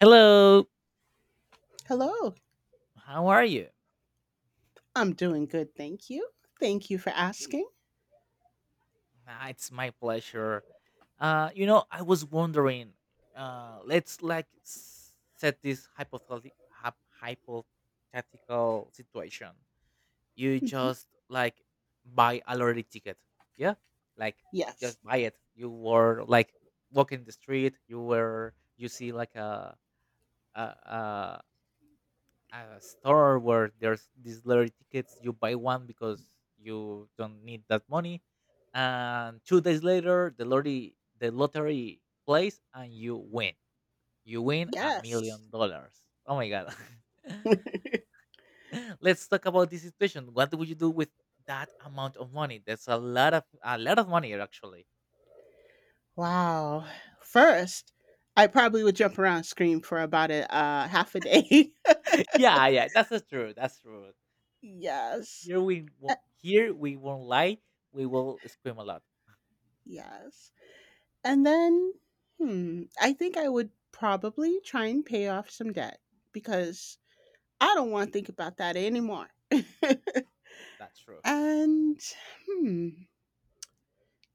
Hello, Hello. how are you? I'm doing good, thank you. Thank you for asking. Ah, it's my pleasure. I was wondering. Let's set this hypothetical situation. You Mhm. just like buy a lottery ticket, yeah? Like Yes. just buy it. You were like walking the street. You were you see like a, a store where there's these lottery tickets. You buy one because you don't need that money, and 2 days later, the lottery plays and you win. You win a Yes. million dollars. Oh my god! Let's talk about this situation. What would you do with that amount of money? That's a lot of money, actually. Wow. First, I probably would jump around and scream for about a half a day. Yeah, yeah, that's the truth. That's true. Yes. Uh, Here we won't lie. We will scream a lot. yes. And then, I think I would probably try and pay off some debt because I don't want to think about that anymore. That's true. And hmm,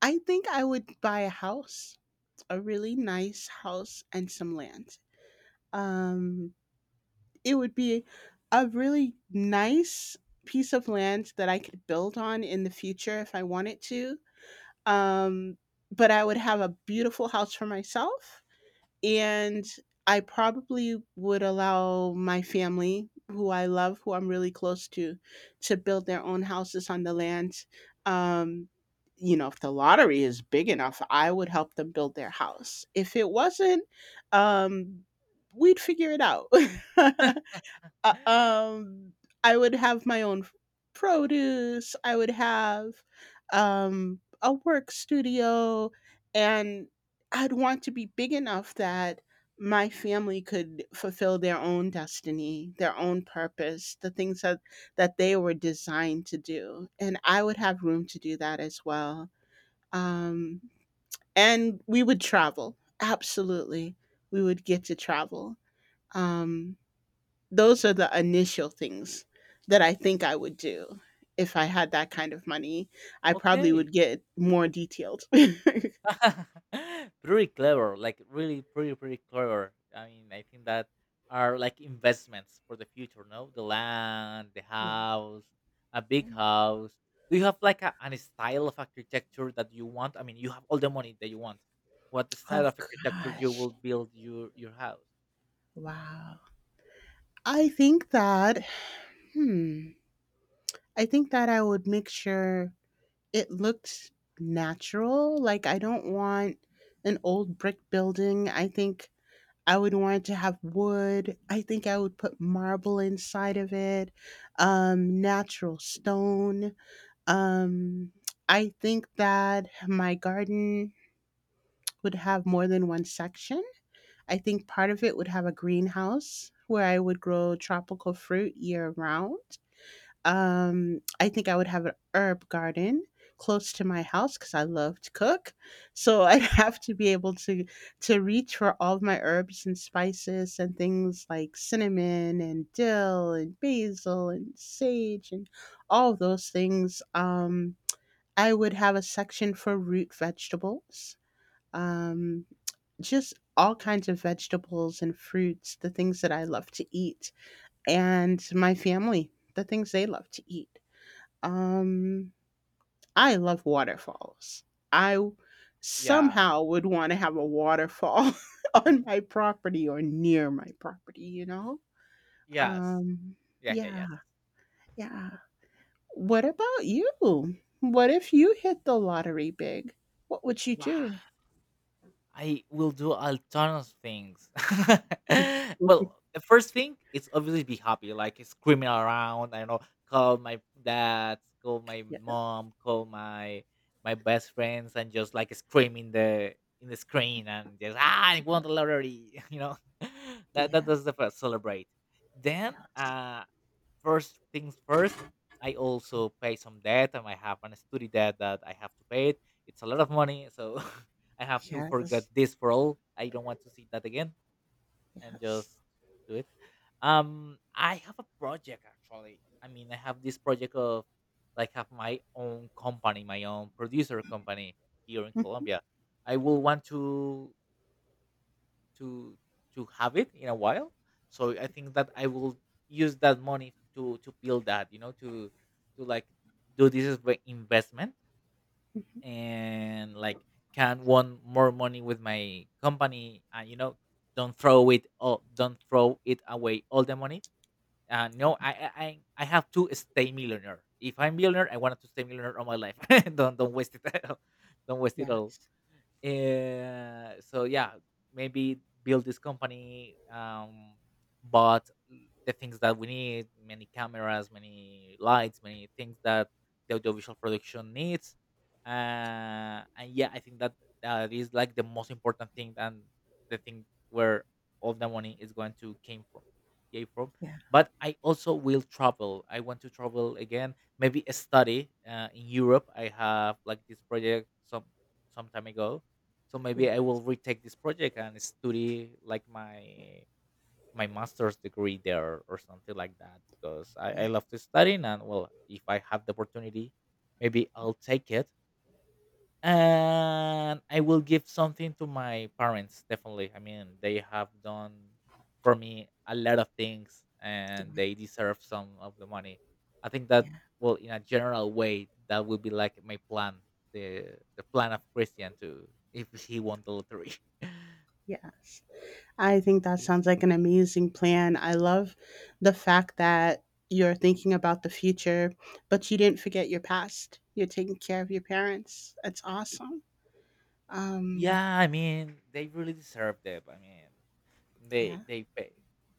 I think I would buy a house, a really nice house and some land. um, it would be a really nice piece of land that I could build on in the future if I wanted to. Um, but I would have a beautiful house for myself and I probably would allow my family, who I love, who I'm really close to build their own houses on the land. Um, you know, if the lottery is big enough, I would help them build their house. If it wasn't, um, we'd figure it out. Uh, um, I would have my own produce. I would have a work studio, and I'd want to be big enough that my family could fulfill their own destiny, their own purpose, the things that they were designed to do, and I would have room to do that as well. Um, and we would travel. Absolutely, we would get to travel. Um, those are the initial things that I think I would do if I had that kind of money. I probably Okay. would get more detailed. Pretty clever, like really pretty clever. I mean, I think that are like investments for the future. No, the land, the Yeah. house, a big house. Do you have like an style of architecture that you want? I mean, you have all the money that you want. What style Oh, of architecture you gosh. will build your house? Wow. I think that hmm I think that I would make sure it looked natural. Like I don't want an old brick building. I think I would want it to have wood. I think I would put marble inside of it, natural stone. Um, I think that my garden would have more than one section. I think part of it would have a greenhouse where I would grow tropical fruit year round. I think I would have an herb garden close to my house because I love to cook. So I'd have to be able to reach for all of my herbs and spices and things like cinnamon and dill and basil and sage and all of those things. I would have a section for root vegetables, um, just all kinds of vegetables and fruits, the things that I love to eat, and my family, the things they love to eat. Um, I love waterfalls. I w- Yeah. Somehow would want to have a waterfall on my property or near my property, you know? Yes. Um, Yeah, yeah, yeah, yes. yeah. What about you? What if you hit the lottery big? What would you Wow. do? I will do a ton of things. Well, the first thing is obviously be happy, like screaming around. I know, call my dad, call my Yeah, mom, call my my best friends, and just like scream in the screen and just ah, I won the lottery. You know, that that yeah, does the first celebrate. Then yeah. First things first, I also pay some debt, and I have an study debt that I have to pay it. It's a lot of money, so I have to forget Yes, this for all. I don't want to see that again, and just yes. do it. I have a project actually. I mean, I have this project of like have my own company, my own producer company here in Mhm, Colombia. I will want to to have it in a while. So I think that I will use that money to build that, you know, to like do this as my investment mhm. and like can want more money with my company and you know don't throw it all don't throw it away all the money no I I have to stay millionaire. If I'm millionaire I wanted to stay millionaire all my life. Don't waste it. Don't waste it all. Yes. So yeah, maybe build this company, bought the things that we need, many cameras, many lights, many things that the audiovisual production needs. And yeah, I think that that is like the most important thing and the thing where all the money is going to came from, came from. Yeah. But I also will travel. I want to travel again. Maybe a study in Europe. I have like this project some time ago, so maybe Yeah. I will retake this project and study like my master's degree there or something like that because I Yeah. love to study, and well if I have the opportunity maybe I'll take it, and I will give something to my parents. Definitely, I mean they have done for me a lot of things, Yeah. and they deserve some of the money. I think that Yeah. well, in a general way, that would be like my plan, the plan of Christian to if he won the lottery. Yes. I think that sounds like an amazing plan. I love the fact that you're thinking about the future, but you didn't forget your past. You're taking care of your parents. It's awesome. Um Yeah, I mean they really deserved it. I mean yeah. They pay,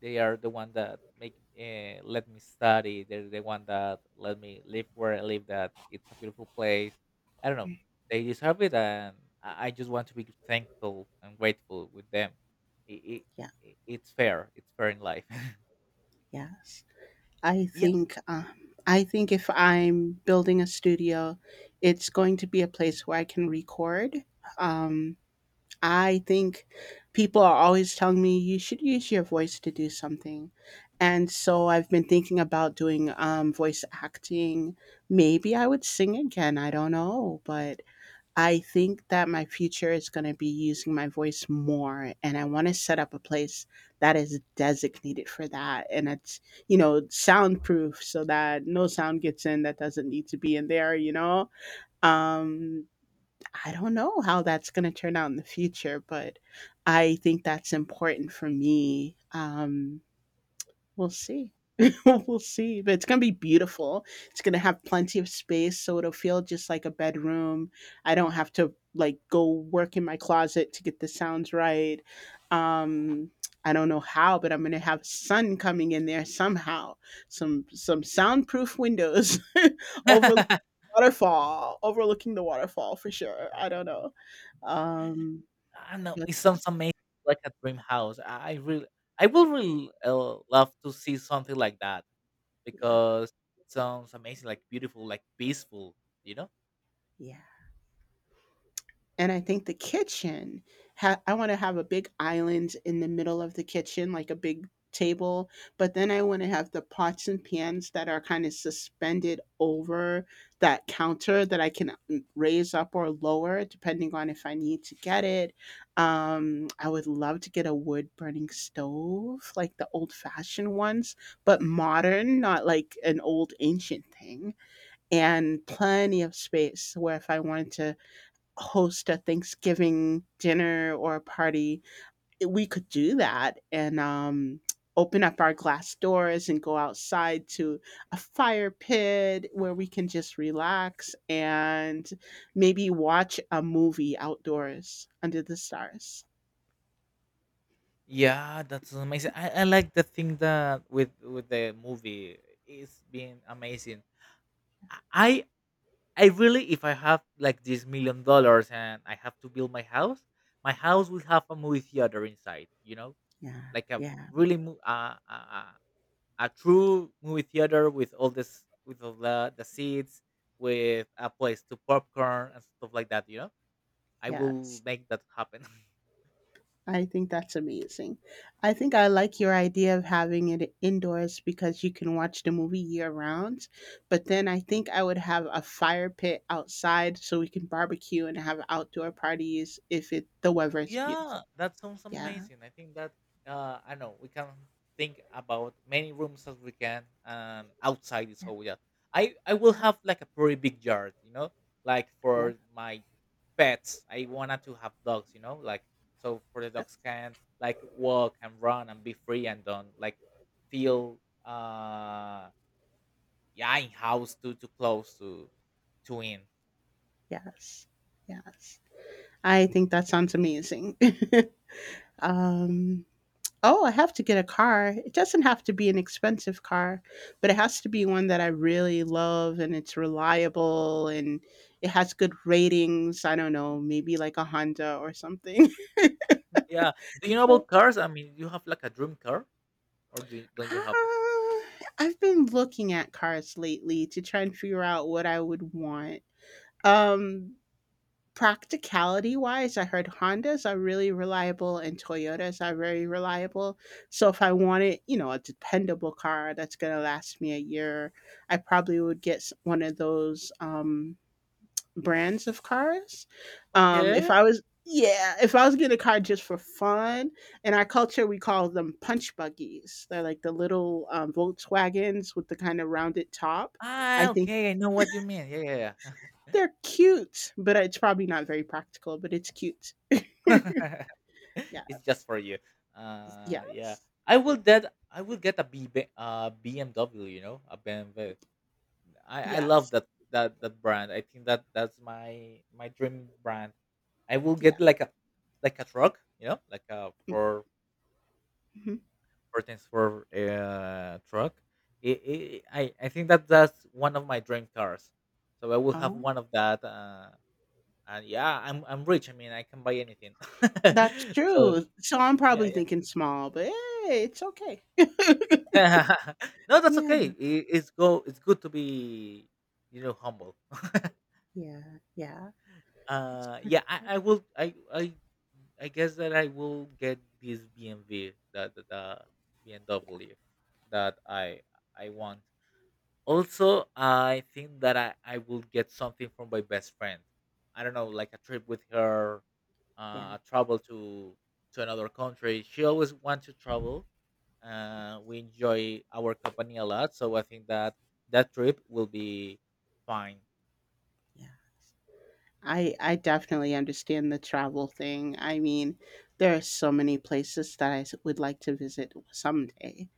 they are the one that make let me study, they're the one that let me live where I live, that it's a beautiful place. I don't know, they deserve it. And I just want to be thankful and grateful with them. it, Yeah. It's fair, it's fair in life. Yes. I Yeah. think um I think if I'm building a studio, it's going to be a place where I can record. Um I think people are always telling me you should use your voice to do something. And so I've been thinking about doing voice acting. Maybe I would sing again. I don't know. But I think that my future is going to be using my voice more. And I want to set up a place that is designated for that. And it's, you know, soundproof so that no sound gets in that doesn't need to be in there, you know? Um, I don't know how that's going to turn out in the future, but I think that's important for me. We'll see. We'll see. But it's going to be beautiful. It's going to have plenty of space. So it'll feel just like a bedroom. I don't have to like go work in my closet to get the sounds right. Um, I don't know how, but I'm going to have sun coming in there somehow. Some soundproof windows overlooking I Waterfall, overlooking the waterfall for sure. I don't know. Um, know but it sounds that's amazing, like a dream house. I really, I will really love to see something like that yeah, because it sounds amazing, like beautiful, like peaceful, you know. yeah. And I think the kitchen ha I wanna have a big island in the middle of the kitchen, like a big table, but then I wanna have the pots and pans that are kinda suspended over that counter that I can raise up or lower depending on if I need to get it. I would love to get a wood-burning stove, like the old-fashioned ones, but modern, not like an old ancient thing, and plenty of space where if I wanted to host a Thanksgiving dinner or a party, we could do that and open up our glass doors and go outside to a fire pit where we can just relax and maybe watch a movie outdoors under the stars. Yeah, that's amazing. I like the thing that with the movie. It's been amazing. I I really if I have like this million dollars and I have to build my house will have a movie theater inside. You know, Yeah, like a yeah, really a true movie theater with all this with all the seats, with a place to popcorn and stuff like that. You know, I will yes. make that happen. I think that's amazing. I think I like your idea of having it indoors because you can watch the movie year round. But then I think I would have a fire pit outside so we can barbecue and have outdoor parties if it the weather is Yeah, beautiful. that sounds Yeah. amazing. I think that I know we can think about many rooms as we can, and outside is Yeah. all we have. I will Yeah. have like a pretty big yard, you know, like Yeah, for my pets. I wanted to have dogs, you know, like so for the dogs can like walk and run and be free and don't like feel uh yeah in house too close to in. yes. Yes. I think that sounds amazing. um Oh, I have to get a car. It doesn't have to be an expensive car, but it has to be one that I really love and it's reliable and it has good ratings. I don't know, maybe like a Honda or something. Yeah. Do you know about Well, cars? I mean, you have like a dream car, or do you, don't you have? uh, I've been looking at cars lately to try and figure out what I would want. Um, Practicality wise, I heard Hondas are really reliable and Toyotas are very reliable. So if I wanted, you know, a dependable car that's going to last me a year, I probably would get one of those brands of cars. If Okay. I was, yeah, if I was getting a car just for fun, in our culture we call them punch buggies. They're like the little Volkswagens with the kind of rounded top. I Ah, think okay. I know what you mean. Yeah, yeah, yeah. they're cute, but it's probably not very practical, but it's cute. It's just Yes. for you. Yeah. Yes. I will get BMW. You know, a BMW. I love Yes. That brand. I think that that's my my dream brand. I will Yeah. get like a truck. You know, like a Mhm. for things for truck. I think that that's one of my dream cars. So I will have Oh, one of that. And yeah, I'm rich. I mean, I can buy anything. that's So true. So I'm yeah, probably yeah. thinking small, but hey, it's okay. No, that's okay. Yeah. It's go. It's good to be, you know, humble. Yeah. Yeah. It's pretty Yeah, good. I will. I guess that I will get this BMW, the BMW that I want. Also, I think that I will get something from my best friend. I don't know, like a trip with her, Yeah. A travel to another country. She always wants to travel. Yeah. We enjoy our company a lot, so I think that that trip will be fine. Yeah. I definitely understand the travel thing. I mean, there are so many places that I would like to visit someday.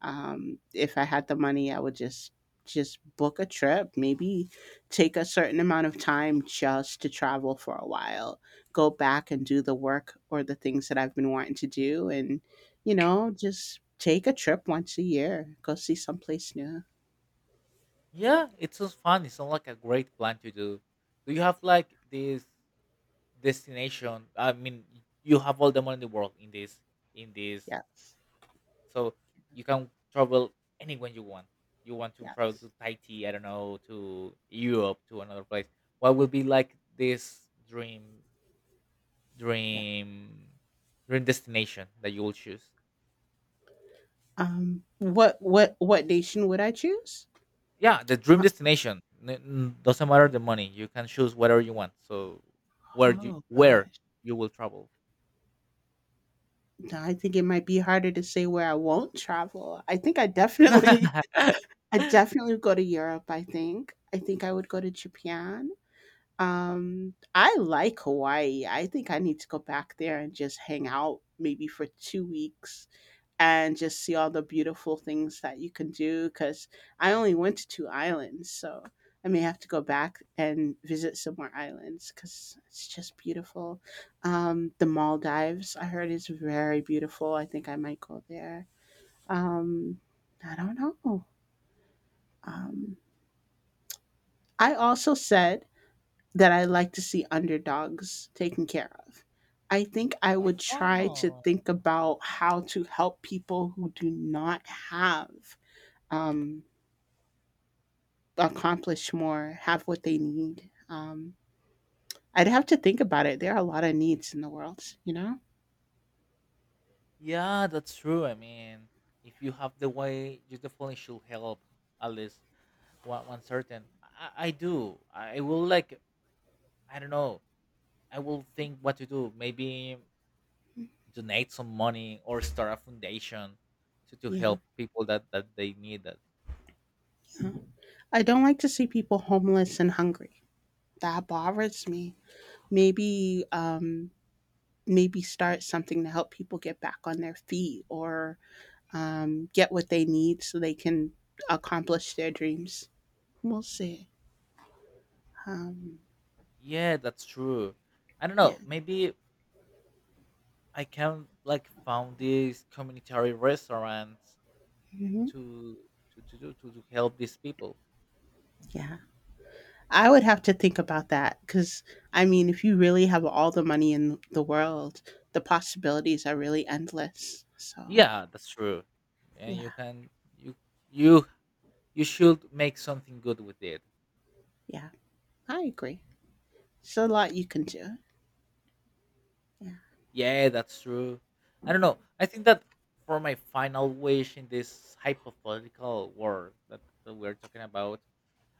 If I had the money, I would just book a trip. Maybe take a certain amount of time just to travel for a while. Go back and do the work or the things that I've been wanting to do, and you know, just take a trip once a year. Go see someplace new. Yeah, it sounds fun. It sounds like a great plan to do. Do you have like this destination? I mean, you have all the money in the world in this in this. Yes, So you can travel anywhere you want. You want to travel yes, to Tahiti, I don't know, to Europe, to another place. What will be like this yeah. dream, dream destination that you will choose? What nation would I choose? Yeah, the dream Well, destination doesn't matter the money. You can choose whatever you want. So oh, where gosh. you will travel? I think it might be harder to say where I won't travel. I think I definitely I definitely go to Europe, I think. I think I would go to Japan. I like Hawaii. I think I need to go back there and just hang out maybe for 2 weeks. And just see all the beautiful things that you can do because I only went to two islands, so I may have to go back and visit some more islands because it's just beautiful. The Maldives, I heard, is very beautiful. I think I might go there. Um, I don't know. Um, I also said that I like to see underdogs taken care of. I think I would try to Oh, think about how to help people who do not have um, accomplish more, have what they need. I'd have to think about it. There are a lot of needs in the world, you know? yeah, that's true. I mean, if you have the way, you definitely should help at least one certain. I do, I will like, I don't know, I will think what to do. Maybe donate some money or start a foundation to Yeah. help people that that they need that. Yeah. I don't like to see people homeless and hungry. That bothers me. Maybe, maybe start something to help people get back on their feet or get what they need so they can accomplish their dreams. We'll see. Um, Yeah, that's true. I don't yeah. know, maybe I can like found these community restaurants hmm to to do to help these people. Yeah. I would have to think about that because, I mean, if you really have all the money in the world, the possibilities are really endless. So, Yeah, that's true, and you yeah, can you you you should make something good with it. yeah, I agree. It's a lot you can do. Yeah. Yeah, that's true. I don't know. I think that for my final wish in this hypothetical world that, that we're talking about,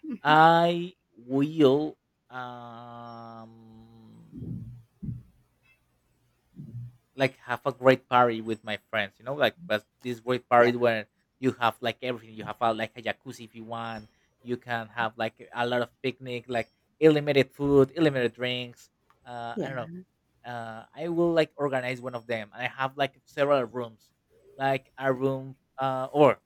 Mhm. I will um like have a great party with my friends, you know, like but this great Yeah. party where you have like everything. You have like a jacuzzi if you want. You can have like a lot of picnic, like unlimited food, unlimited drinks. I don't know, Yeah. I will like organize one of them. I have like several rooms, like a room or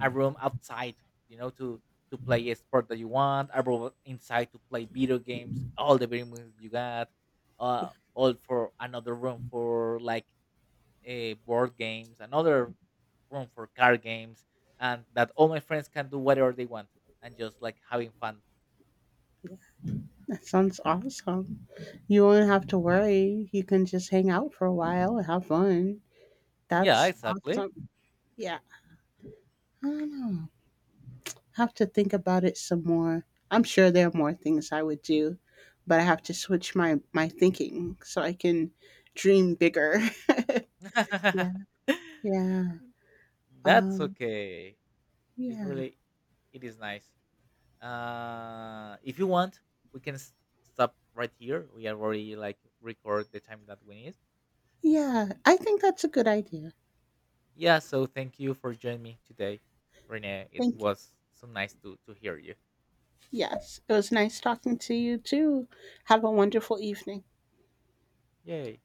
a room outside, you know, to play a sport that you want, a room inside to play video games, all the video games you got. Yeah. uh, all for another room for like board games, another room for card games, and that all my friends can do whatever they want and just like having fun. That sounds awesome. You won't have to worry. You can just hang out for a while and have fun. Yeah, That's exactly. awesome. Yeah. I don't know. Have to think about it some more. I'm sure there are more things I would do, but I have to switch my thinking so I can dream bigger. Yeah, yeah, That's um, okay. It yeah, really, it is nice. If you want, we can stop right here. We have already like record the time that we need. yeah. I think that's a good idea. Yeah. So thank you for joining me today, Renee. It Thank you. was so nice to hear you. Yes, it was nice talking to you too. Have a wonderful evening. Yay.